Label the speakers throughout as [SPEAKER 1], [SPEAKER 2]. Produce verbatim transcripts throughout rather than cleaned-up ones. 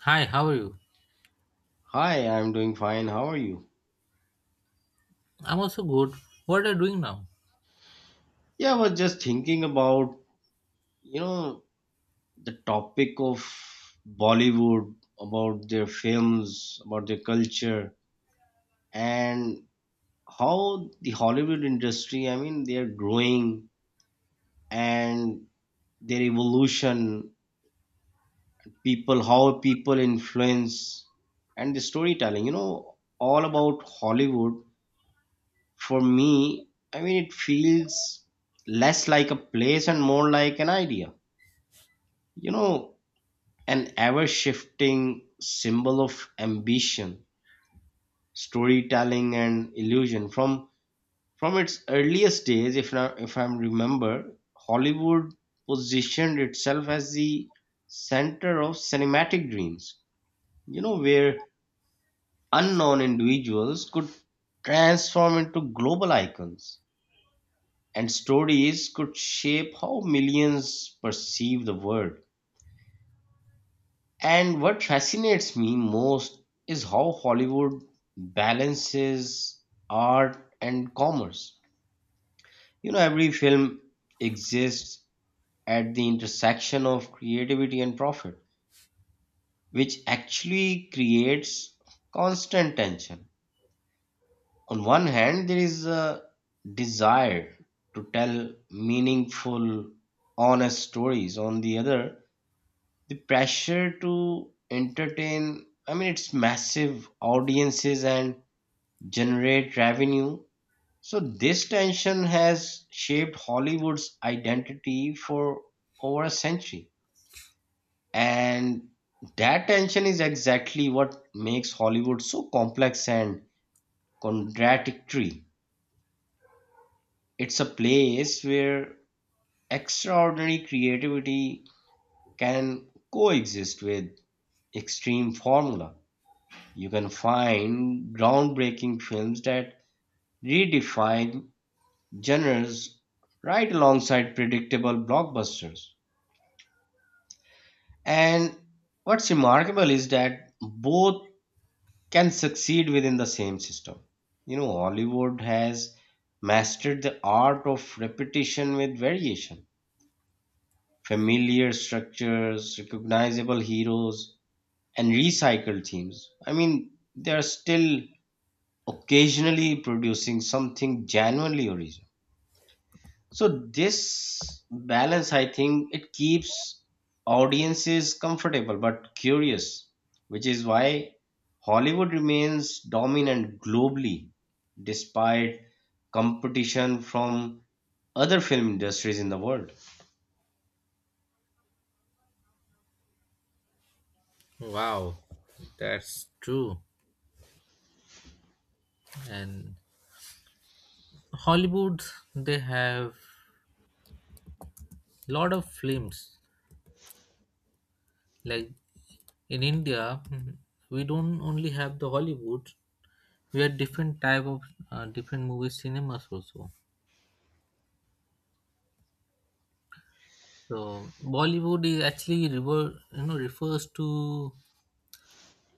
[SPEAKER 1] Hi, how are you?
[SPEAKER 2] Hi, I'm doing fine. How are you?
[SPEAKER 1] I'm also good. What are you doing now?
[SPEAKER 2] Yeah, I was just thinking about, you know, the topic of Bollywood, about their films, about their culture, and how the Hollywood industry, I mean, they're growing and their evolution, people, how people influence, and the storytelling, you know, all about Hollywood. For me, I mean, it feels less like a place and more like an idea, you know, an ever shifting symbol of ambition, storytelling, and illusion. From from its earliest days, if I, if I remember, Hollywood positioned itself as the center of cinematic dreams. You know, where unknown individuals could transform into global icons, and stories could shape how millions perceive the world. And what fascinates me most is how Hollywood balances art and commerce. You know, every film exists at the intersection of creativity and profit, which actually creates constant tension. On one hand, there is a desire to tell meaningful, honest stories. On the other, the pressure to entertain, I mean it's massive audiences and generate revenue. So this tension has shaped Hollywood's identity for over a century, and that tension is exactly what makes Hollywood so complex and contradictory. It's a place where extraordinary creativity can coexist with extreme formula. You can find groundbreaking films that redefine genres right alongside predictable blockbusters. And what's remarkable is that both can succeed within the same system. You know, Hollywood has mastered the art of repetition with variation, familiar structures, recognizable heroes, and recycled themes. I mean, they are still occasionally producing something genuinely original. So this balance, I think, it keeps audiences comfortable but curious, which is why Hollywood remains dominant globally despite competition from other film industries in the world.
[SPEAKER 1] Wow, that's true. And Hollywood, they have lot of films. Like in India, mhm, we don't only have the Hollywood. We have different type of uh, different movie cinemas also. So Bollywood is actually rever- you know refers to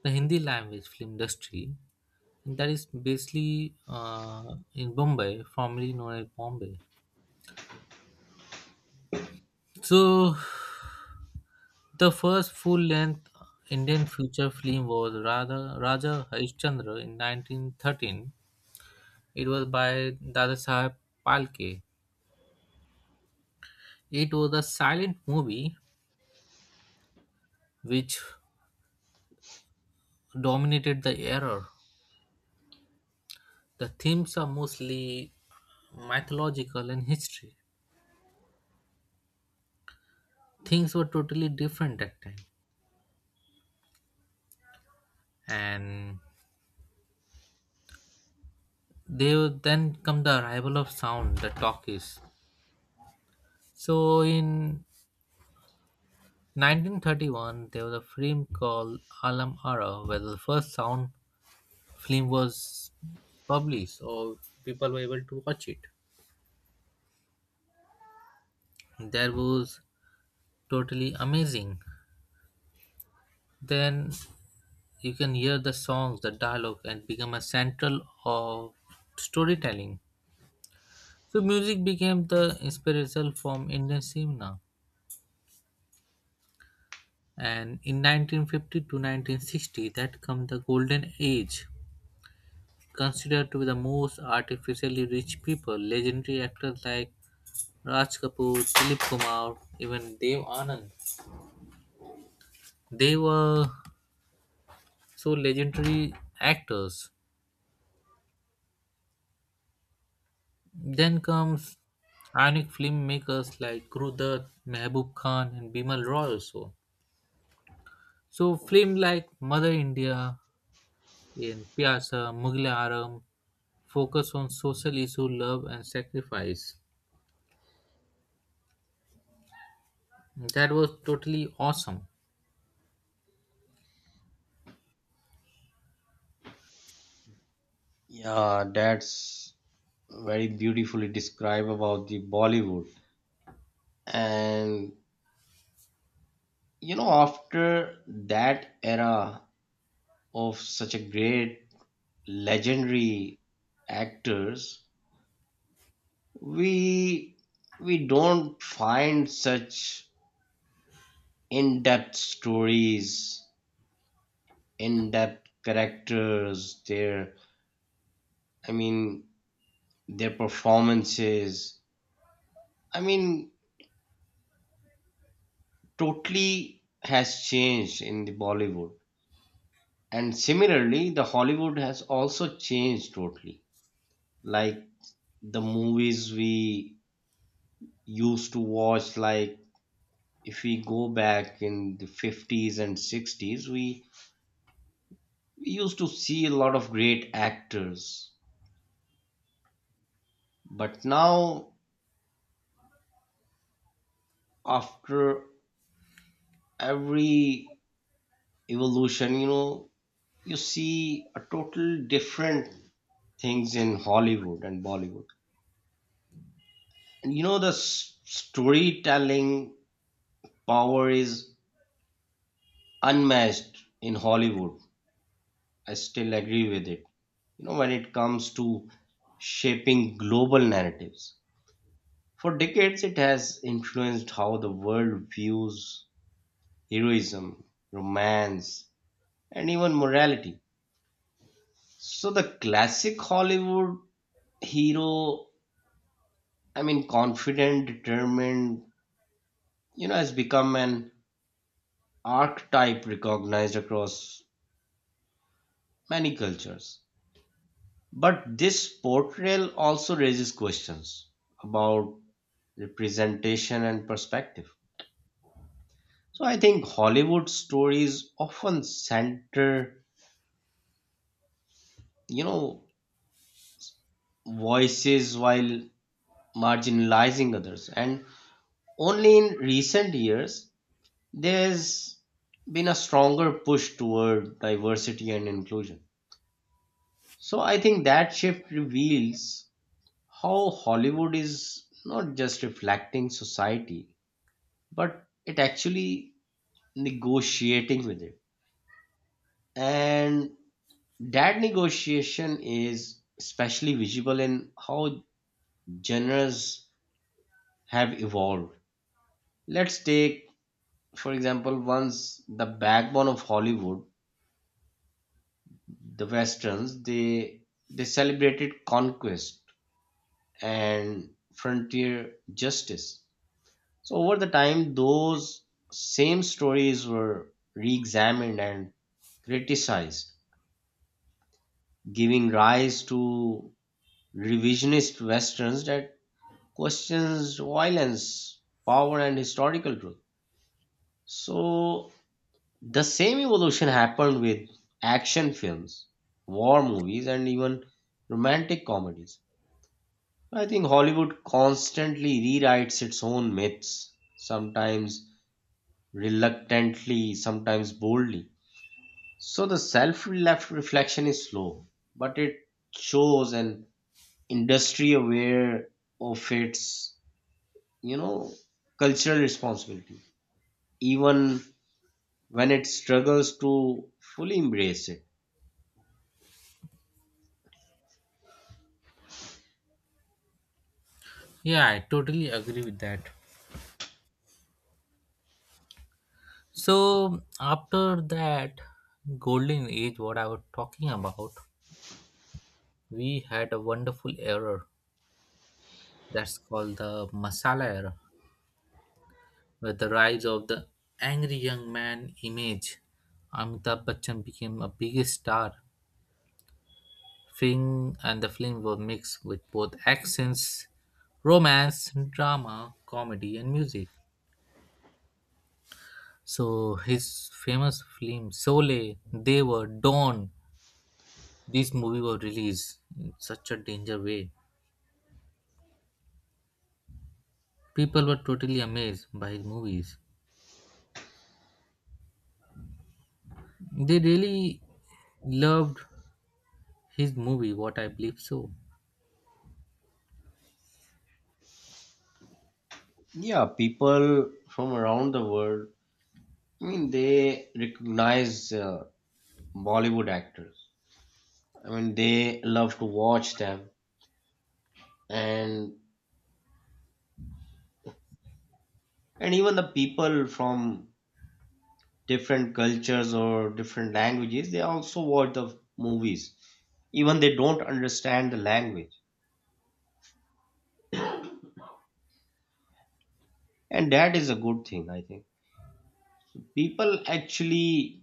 [SPEAKER 1] the Hindi language film industry, and that is basically uh, in Bombay, formerly known as Bombay. So The first full-length Indian feature film was Raja Raja Harishchandra in nineteen thirteen. It was by Dadasaheb Phalke. It was a silent movie which dominated the era. The themes are mostly mythological and history. Things were totally different that time. And they would then come the arrival of sound, the talkies. So in nineteen thirty-one, there was a film called Alam Ara, where the first sound film was published, or people were able to watch it. That was totally amazing. Then you can hear the songs, the dialogue, and become a central of storytelling. So music became the inspirational form Indian cinema. And in nineteen fifty to nineteen sixty, that come the golden age. Considered to be the most artificially rich people, legendary actors like Raj Kapoor, Dilip Kumar, even Dev Anand, they were so legendary actors. Then comes iconic filmmakers like Gurudat, Mehboob Khan, and Bimal Roy also. So films like Mother India and Pyasa, Mughal Aram focus on social issue, love and sacrifice. That was totally awesome.
[SPEAKER 2] Yeah, that's very beautifully described about the Bollywood. And you know, after that era, of such a great legendary actors, we we don't find such in-depth stories, in-depth characters, their, i mean their performances, I mean, totally has changed in the Bollywood. And similarly the Hollywood has also changed totally. Like the movies we used to watch, like if we go back in the fifties and sixties, we, we used to see a lot of great actors. But now after every evolution, you know, you see a total different things in Hollywood and Bollywood. And you know, the s- storytelling power is unmatched in Hollywood, I still agree with it, you know, when it comes to shaping global narratives. For decades, it has influenced how the world views heroism, romance, and even morality. So, the classic Hollywood hero, I mean, confident, determined, you know, has become an archetype recognized across many cultures. But this portrayal also raises questions about representation and perspective. So, I think Hollywood stories often center, you know, voices while marginalizing others. And only in recent years, there's been a stronger push toward diversity and inclusion. So I think that shift reveals how Hollywood is not just reflecting society, but it actually negotiating with it. And that negotiation is especially visible in how genres have evolved. Let's take for example, once the backbone of Hollywood, the westerns, they they celebrated conquest and frontier justice. So over the time those same stories were re-examined and criticized, giving rise to revisionist westerns that questions violence, power and historical truth. So the same evolution happened with action films, war movies, and even romantic comedies. I think Hollywood constantly rewrites its own myths, sometimes reluctantly, sometimes boldly. So the self reflection is slow, but it shows an industry aware of its, you know, cultural responsibility, even when it struggles to fully embrace it.
[SPEAKER 1] Yeah, I totally agree with that. So after that golden age, what I was talking about, we had a wonderful era that's called the masala era, with the rise of the angry young man image. Amitabh Bachchan became a biggest star. Film and the film were mixed with both accents, romance, drama, comedy, and music. So his famous film Sole, Deva, Dawn. This movie was released in such a danger way. People were totally amazed by his movies. They really loved his movie, what I believe so.
[SPEAKER 2] Yeah, people from around the world, I mean, they recognize uh, Bollywood actors. I mean, they love to watch them, and and even the people from different cultures or different languages, they also watch the movies, even they don't understand the language, and that is a good thing, I think. People actually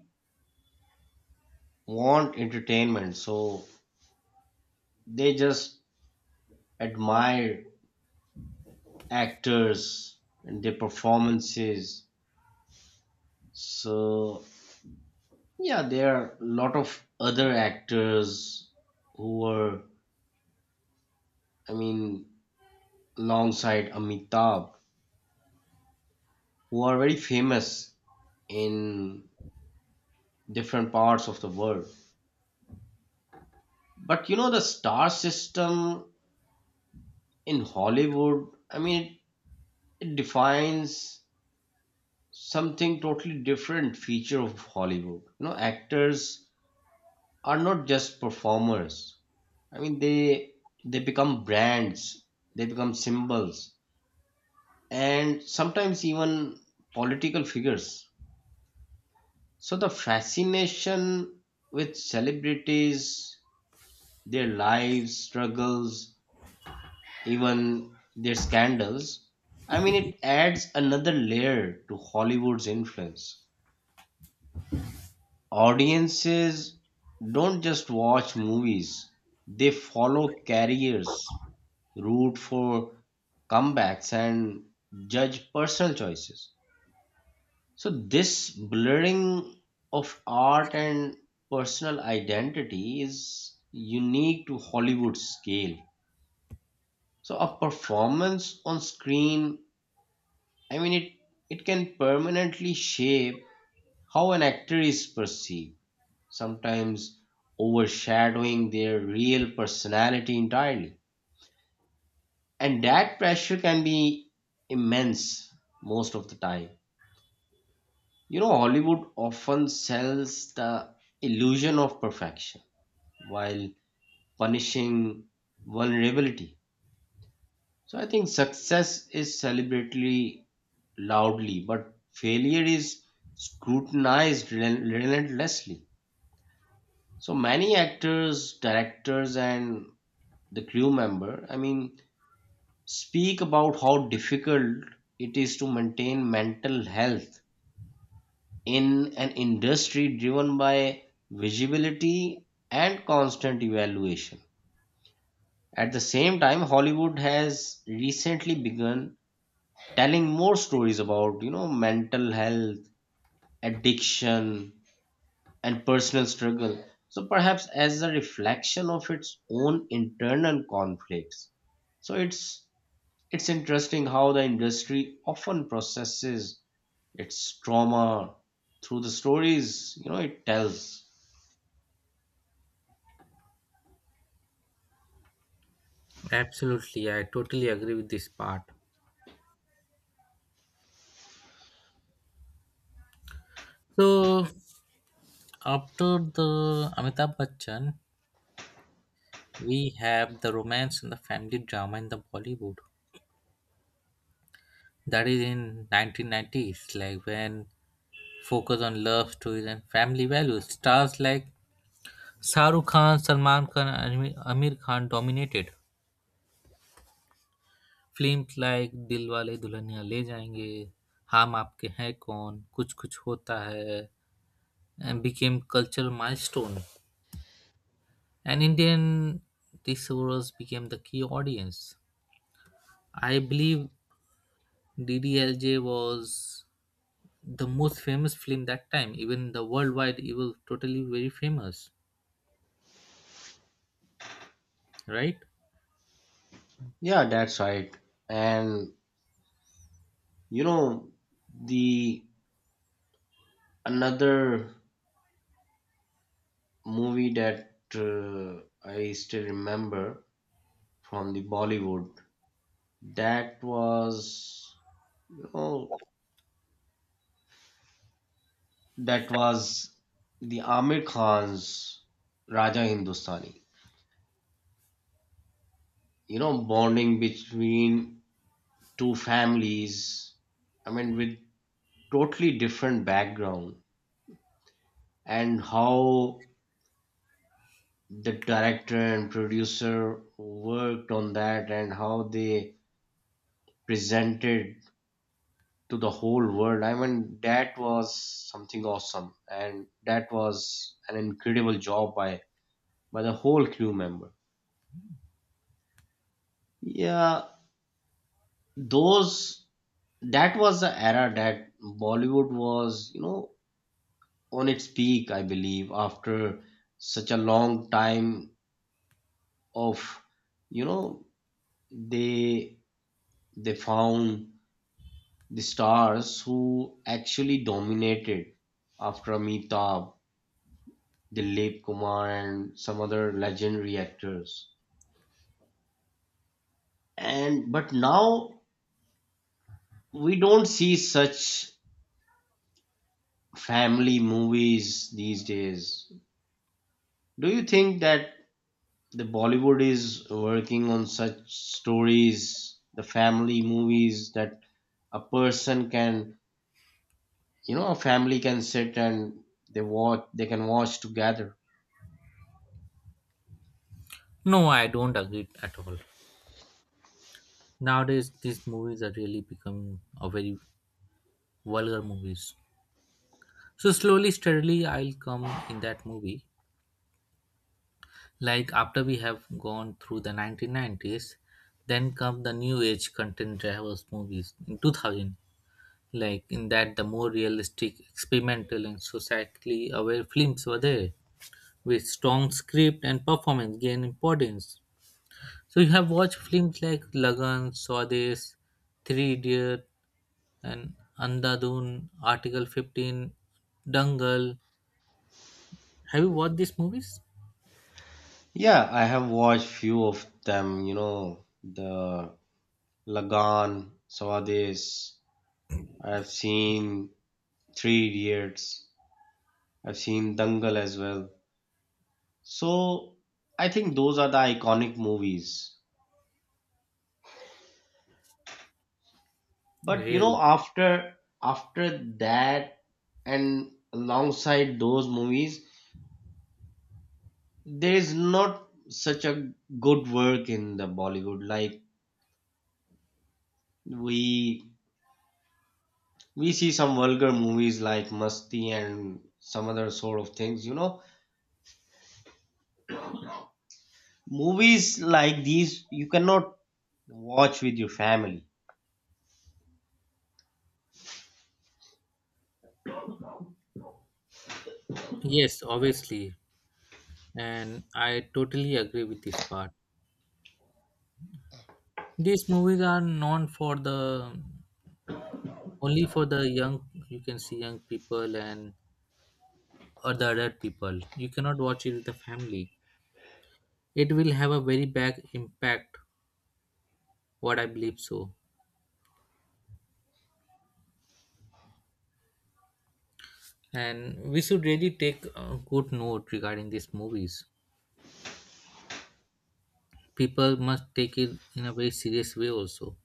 [SPEAKER 2] want entertainment, so they just admire actors and their performances. So yeah, there are a lot of other actors who were, I mean, alongside Amitabh, who are very famous in different parts of the world. But you know, the star system in Hollywood, I mean, it defines something totally different feature of Hollywood. You know, actors are not just performers. I mean, they they become brands, they become symbols and sometimes even political figures. So the fascination with celebrities, their lives, struggles, even their scandals, I mean, it adds another layer to Hollywood's influence. Audiences don't just watch movies, they follow careers, root for comebacks, and judge personal choices. So this blurring of art and personal identity is unique to Hollywood scale. So a performance on screen, I mean it it can permanently shape how an actor is perceived, sometimes overshadowing their real personality entirely. And that pressure can be immense most of the time. You know, Hollywood often sells the illusion of perfection while punishing vulnerability. So I think success is celebrated loudly, but failure is scrutinized rel- relentlessly. So many actors, directors, and the crew member, I mean, speak about how difficult it is to maintain mental health in an industry driven by visibility and constant evaluation. At the same time, Hollywood has recently begun telling more stories about, you know, mental health, addiction, and personal struggle. So perhaps as a reflection of its own internal conflicts. So it's it's interesting how the industry often processes its trauma through the stories, you know, it tells.
[SPEAKER 1] Absolutely, I totally agree with this part. So after the Amitabh Bachchan, we have the romance and the family drama in the Bollywood. That is in nineteen nineties, like when focus on love stories and family values. Stars like Shahrukh Khan, Salman Khan, and Amir Amir Khan dominated. Films like Dilwale Dulhania Le जाएँगे, हम आपके हैं कौन, कुछ कुछ होता है and became cultural milestone, and in the end, these roles became the key audience. I believe D D L J was the most famous film that time. Even the worldwide, it was totally very famous, right?
[SPEAKER 2] Yeah, that's right. And you know, the another movie that uh, I still remember from the Bollywood. That was, you know, that was the Amir Khan's Raja Hindustani. You know, bonding between two families. I mean, with totally different background and how the director and producer worked on that and how they presented to the whole world. I mean, that was something awesome, and that was an incredible job by by the whole crew member. Yeah, those that was the era that Bollywood was, you know, on its peak, I believe, after such a long time of, you know, they they found the stars who actually dominated after Amitabh, Dilip Kumar and some other legendary actors. And but now we don't see such family movies these days. Do you think that the Bollywood is working on such stories, the family movies that a person can, you know, a family can sit and they watch, they can watch together?
[SPEAKER 1] No, I don't agree at all. Nowadays, these movies are really becoming a very vulgar movies. So slowly, steadily, I'll come in that movie. Like after we have gone through the nineteen nineties, then come the new age content drivers movies in two thousand. Like in that, the more realistic, experimental, and societally aware films were there, with strong script and performance gain importance. So you have watched films like Lagan, Swades, Three Idiot, and Andadun, Article fifteen, Dangal. Have you watched these movies?
[SPEAKER 2] Yeah, I have watched few of them, you know, the Lagan, Sawades, I've seen Three Idiots. I've seen Dangal as well. So I think those are the iconic movies. But you
[SPEAKER 1] Really?
[SPEAKER 2] know, after after that and alongside those movies, there is not such a good work in the Bollywood. Like we we see some vulgar movies like Masti and some other sort of things. You know, movies like these you cannot watch with your family.
[SPEAKER 1] Yes, obviously, and I totally agree with this part. These movies are known for the only for the young. You can see young people and or the adult people. You cannot watch it with the family. It will have a very bad impact, what I believe so, and we should really take a good note regarding these movies. People must take it in a very serious way also.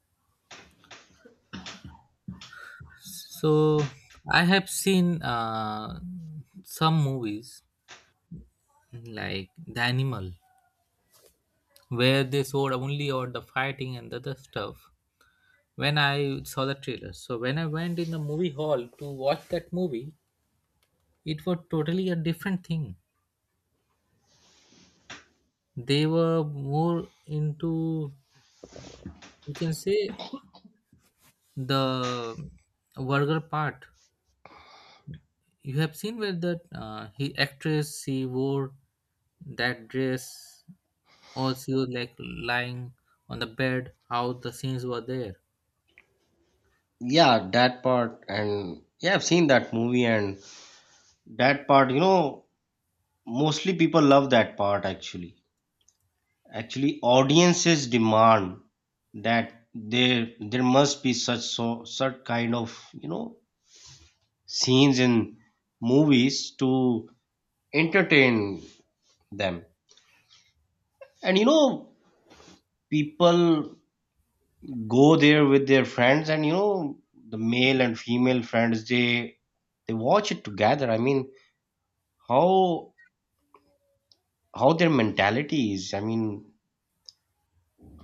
[SPEAKER 1] So I have seen uh, some movies like The Animal, where they showed only or the fighting and the other stuff. When I saw the trailer, so when I went in the movie hall to watch that movie, it was totally a different thing. They were more into, you can say, the vulgar part. You have seen where the uh, he actress, she wore that dress, or she was like lying on the bed, how the scenes were there.
[SPEAKER 2] Yeah, that part, and yeah, I've seen that movie and that part, you know, mostly people love that part actually. Actually, audiences demand that there there must be such, so such kind of, you know, scenes in movies to entertain them. And you know, people go there with their friends and you know, the male and female friends, they they watch it together. I mean, how how their mentality is. I mean,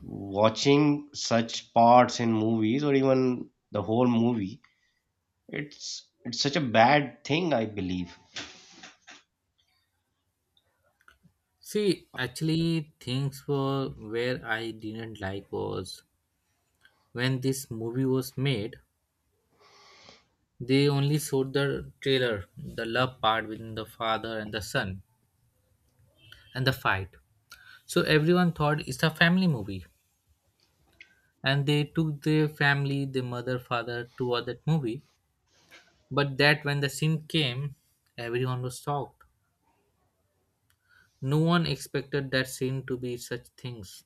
[SPEAKER 2] watching such parts in movies or even the whole movie, it's it's such a bad thing, I believe.
[SPEAKER 1] See, actually, things were where I didn't like was when this movie was made, they only showed the trailer, the love part between the father and the son, and the fight. So everyone thought it's a family movie, and they took their family, the mother, father, toward that movie. But that when the scene came, everyone was shocked. No one expected that scene to be such things.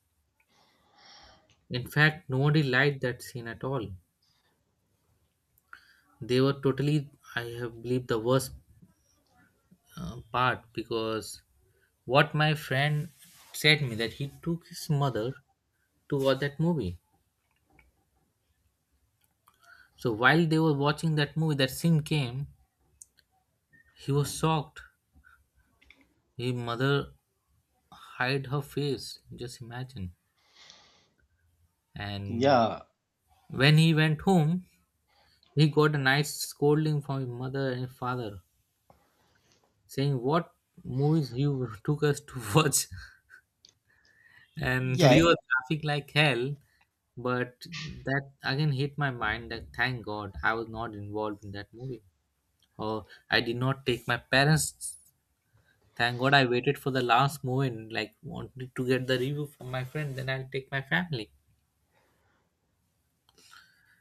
[SPEAKER 1] In fact, nobody liked that scene at all. They were totally, I have believe, the worst uh, part, because what my friend said me that he took his mother to watch that movie. So while they were watching that movie, that scene came. He was shocked. His mother hid her face, just imagine. And
[SPEAKER 2] Yeah,
[SPEAKER 1] when he went home, he got a nice scolding from his mother and his father, saying what movies you took us to watch, and we
[SPEAKER 2] yeah,
[SPEAKER 1] were traffic like hell. But that again hit my mind that thank god I was not involved in that movie, or I did not take my parents. Thank god I waited for the last moment, like wanted to get the review from my friend, then I'll take my family.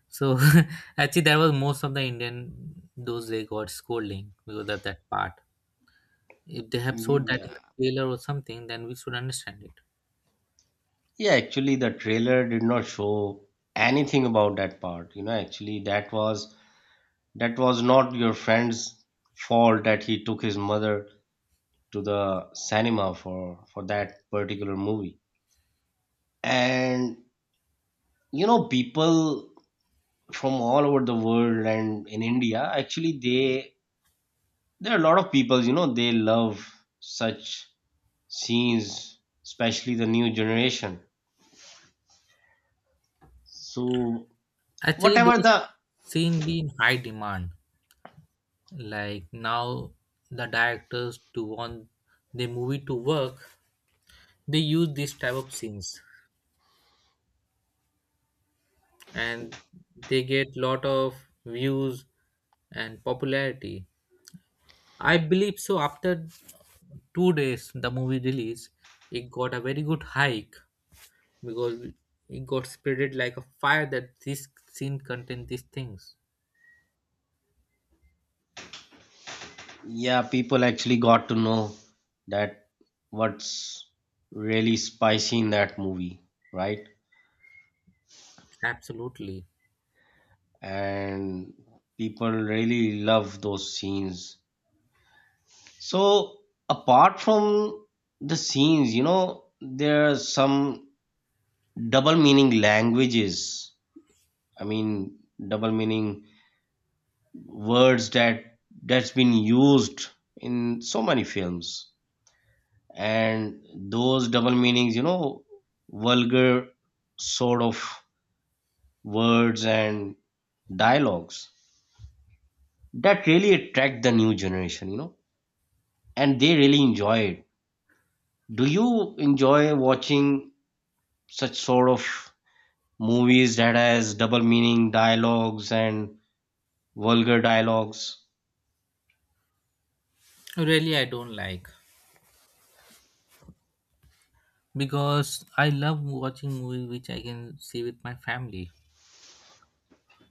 [SPEAKER 1] So actually that was most of the Indian, those they got scolding because of that part. If they have showed
[SPEAKER 2] mm,
[SPEAKER 1] that in the
[SPEAKER 2] yeah,
[SPEAKER 1] trailer or something, then we should understand it.
[SPEAKER 2] yeah. Actually, the trailer did not show anything about that part. You know, actually, that was that was not your friend's fault that he took his mother to the cinema for for that particular movie. And you know, people from all over the world and in India, actually they there are a lot of people, you know, they love such scenes, especially the new generation. So
[SPEAKER 1] Actually,
[SPEAKER 2] whatever
[SPEAKER 1] those
[SPEAKER 2] the
[SPEAKER 1] scene be in high demand. Like now, the directors to want the movie to work, they use this type of scenes, and they get lot of views and popularity. I believe so, after two days the movie release, it got a very good hike, because it got spreaded like a fire that this scene contains these things.
[SPEAKER 2] yeah, people actually got to know that what's really spicy in that movie, right?
[SPEAKER 1] Absolutely.
[SPEAKER 2] And people really love those scenes. So apart from the scenes, you know, there are some double meaning languages, I mean double meaning words that that's been used in so many films. And those double meanings, you know, vulgar sort of words and dialogues that really attract the new generation, you know, and they really enjoy it. Do you enjoy watching such sort of movies that has double meaning dialogues and vulgar dialogues?
[SPEAKER 1] Really, I don't like, because I love watching movie which I can see with my family.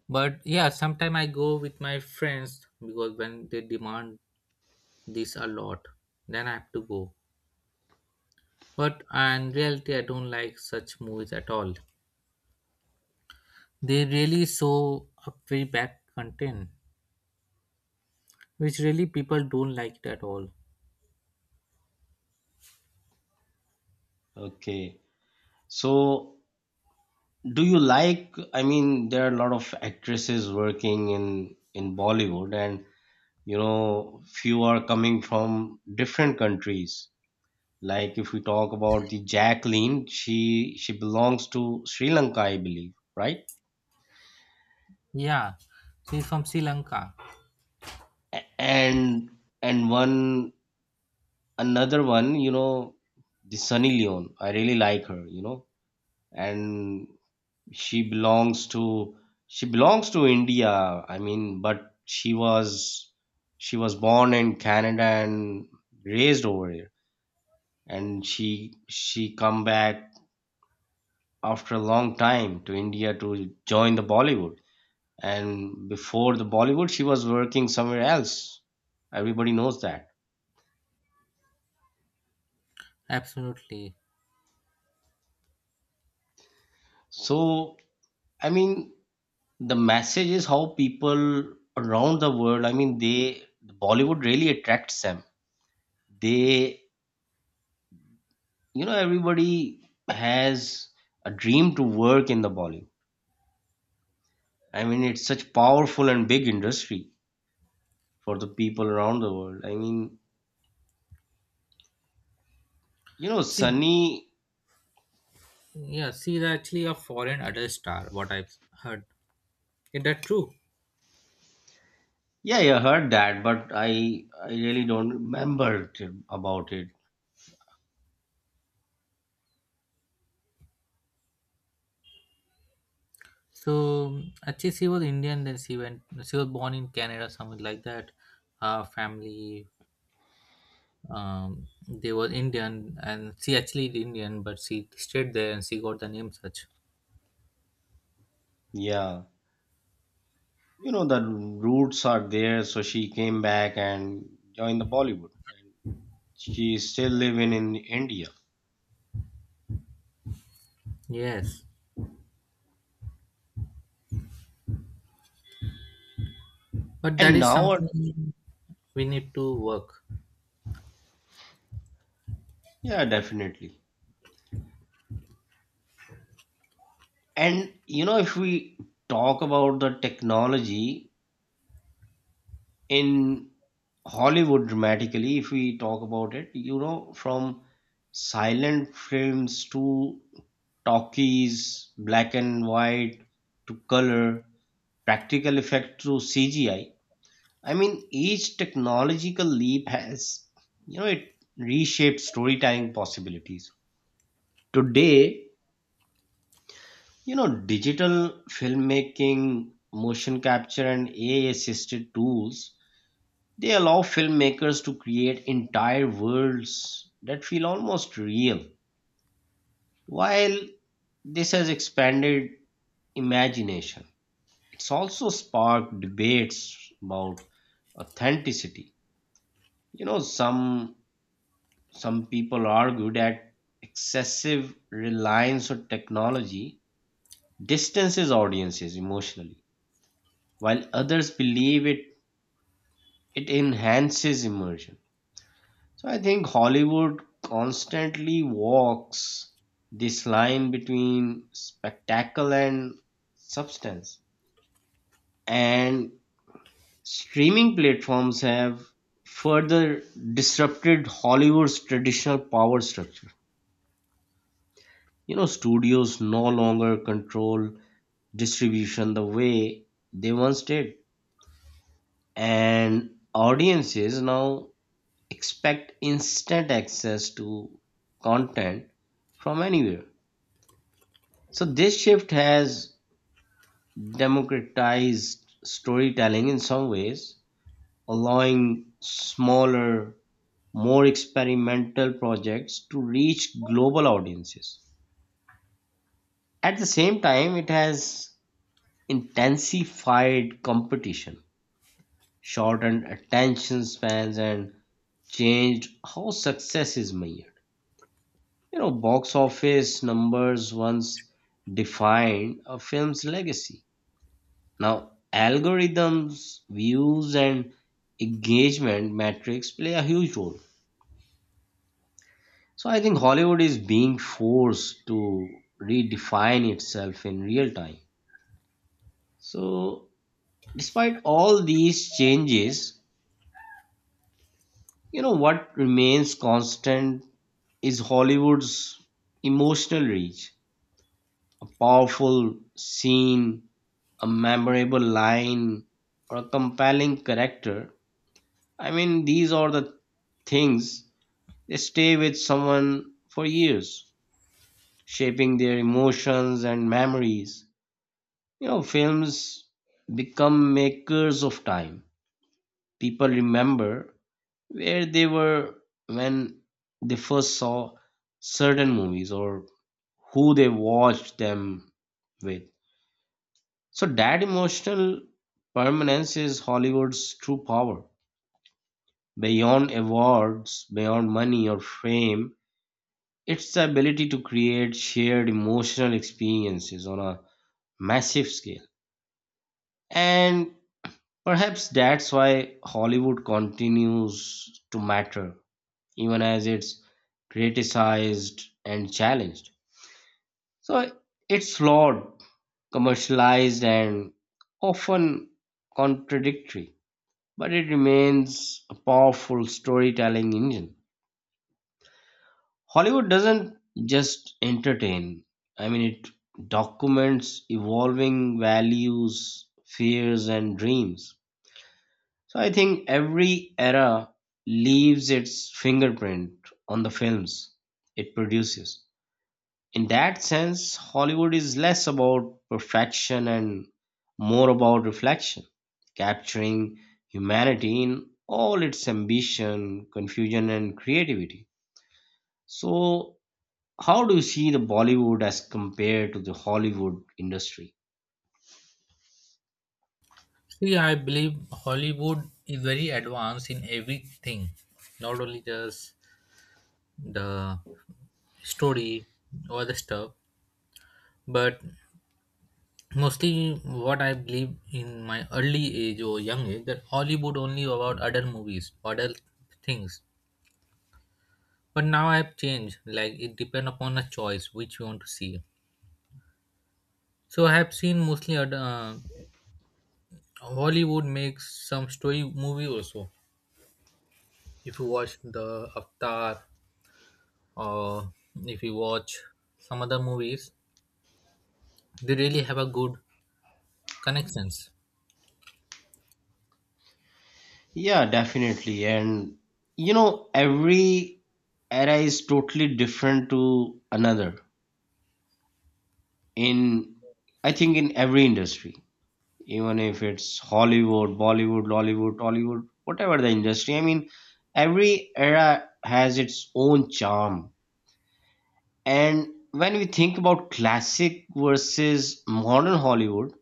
[SPEAKER 1] But yeah, sometime I go with my friends because when they demand this a lot, then I have to go. But in reality, I don't like such movies at all. They really show a very bad content, which really people don't like it at all.
[SPEAKER 2] Okay. So do you like, I mean, there are a lot of actresses working in in Bollywood and you know, few are coming from different countries. Like if we talk about the Jacqueline, she she belongs to Sri Lanka, I believe, right?
[SPEAKER 1] Yeah, she's from Sri Lanka.
[SPEAKER 2] A- And and one another one, you know, the Sunny Leone. I really like her, you know. And she belongs to she belongs to india, i mean but she was she was born in canada and raised over here. And she she come back after a long time to india to join the bollywood. And before the bollywood she was working somewhere else. Everybody knows that.
[SPEAKER 1] Absolutely.
[SPEAKER 2] So i mean the message is how people around the world, i mean they, bollywood really attracts them. They, you know everybody has a dream to work in the bollywood. I mean, it's such powerful and big industry for the people around the world. I mean you know
[SPEAKER 1] See,
[SPEAKER 2] sunny.
[SPEAKER 1] yeah, she's actually a foreign adult star, what I've heard. Is that true?
[SPEAKER 2] Yeah, yeah, I heard that, but i i really don't remember it, about it.
[SPEAKER 1] So actually, she was Indian. Then she went. She was born in Canada, something like that. Her family, um, they were Indian, and she actually is Indian, but she stayed there and she got the name such.
[SPEAKER 2] Yeah, you know the roots are there, so she came back and joined the bollywood, and she's still living in india.
[SPEAKER 1] Yes, but that
[SPEAKER 2] And
[SPEAKER 1] is
[SPEAKER 2] now uh,
[SPEAKER 1] something we need to work.
[SPEAKER 2] yeah, definitely. And you know, if we talk about the technology in Hollywood dramatically, if we talk about it, you know, from silent films to talkies, black and white to color, practical effect to C G I. I I mean, each technological leap has, you know, it reshaped storytelling possibilities. Today, you know, digital filmmaking, motion capture, and A I assisted tools. They allow filmmakers to create entire worlds that feel almost real. While this has expanded imagination, it's also sparked debates about authenticity. You know, some some people argue that excessive reliance on technology distances audiences emotionally, while others believe it it enhances immersion. So I think Hollywood constantly walks this line between spectacle and substance. And streaming platforms have further disrupted Hollywood's traditional power structure. You know, studios no longer control distribution the way they once did. And audiences now expect instant access to content from anywhere. So this shift has democratized storytelling in some ways, allowing smaller, more experimental projects to reach global audiences. At the same time, it has intensified competition, shortened attention spans, and changed how success is measured. You know, box office numbers once defined a film's legacy. Now, algorithms, views, and engagement metrics play a huge role. So I think Hollywood is being forced to redefine itself in real time. So despite all these changes, you know what remains constant is Hollywood's emotional reach. A powerful scene, a memorable line, or a compelling character. I mean, these are the things. They stay with someone for years, shaping their emotions and memories. You know, films become makers of time. People remember where they were when they first saw certain movies or who they watched them with. So that emotional permanence is Hollywood's true power. Beyond awards, beyond money or fame, it's the ability to create shared emotional experiences on a massive scale. And perhaps that's why Hollywood continues to matter, even as it's criticized and challenged. So it's flawed, commercialized, and often contradictory, but it remains a powerful storytelling engine. Hollywood doesn't just entertain. I mean, it documents evolving values, fears, and dreams. So I think every era leaves its fingerprint on the films it produces. In that sense, Hollywood is less about perfection and more about reflection, capturing humanity in all its ambition, confusion, and creativity. So how do you see the Bollywood as compared to the Hollywood industry?
[SPEAKER 1] See, I believe Hollywood is very advanced in everything, not only just the story or the stuff, but mostly what I believe in my early age or young age that Hollywood only about adult movies, adult things. But now I have changed, like it depend upon a choice which you want to see. So I have seen mostly ad- uh, Hollywood makes some story movie also. If you watch the Avatar, or if you watch some other movies, they really have a good connections.
[SPEAKER 2] Yeah, definitely. And you know, every era is totally different to another. In, I think in every industry, even if it's Hollywood, Bollywood, Lollywood, Tollywood, whatever the industry. I mean, every era has its own charm. And when we think about classic versus modern Hollywood,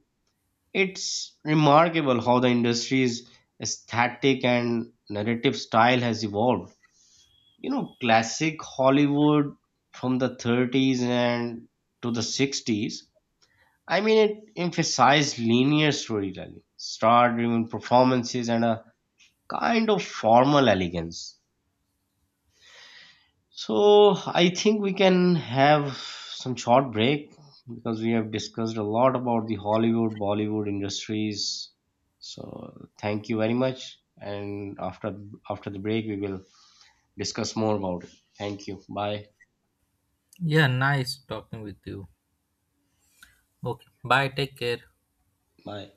[SPEAKER 2] it's remarkable how the industry's aesthetic and narrative style has evolved. You know, classic Hollywood from the thirties and to the sixties, I mean, it emphasized linear storytelling, star driven performances, and a kind of formal elegance. So I think we can have some short break because we have discussed a lot about the Hollywood, Bollywood industries. So thank you very much. And after after the break, we will discuss more about it. Thank you. Bye.
[SPEAKER 1] Yeah, nice talking with you. Okay, bye, take care.
[SPEAKER 2] Bye.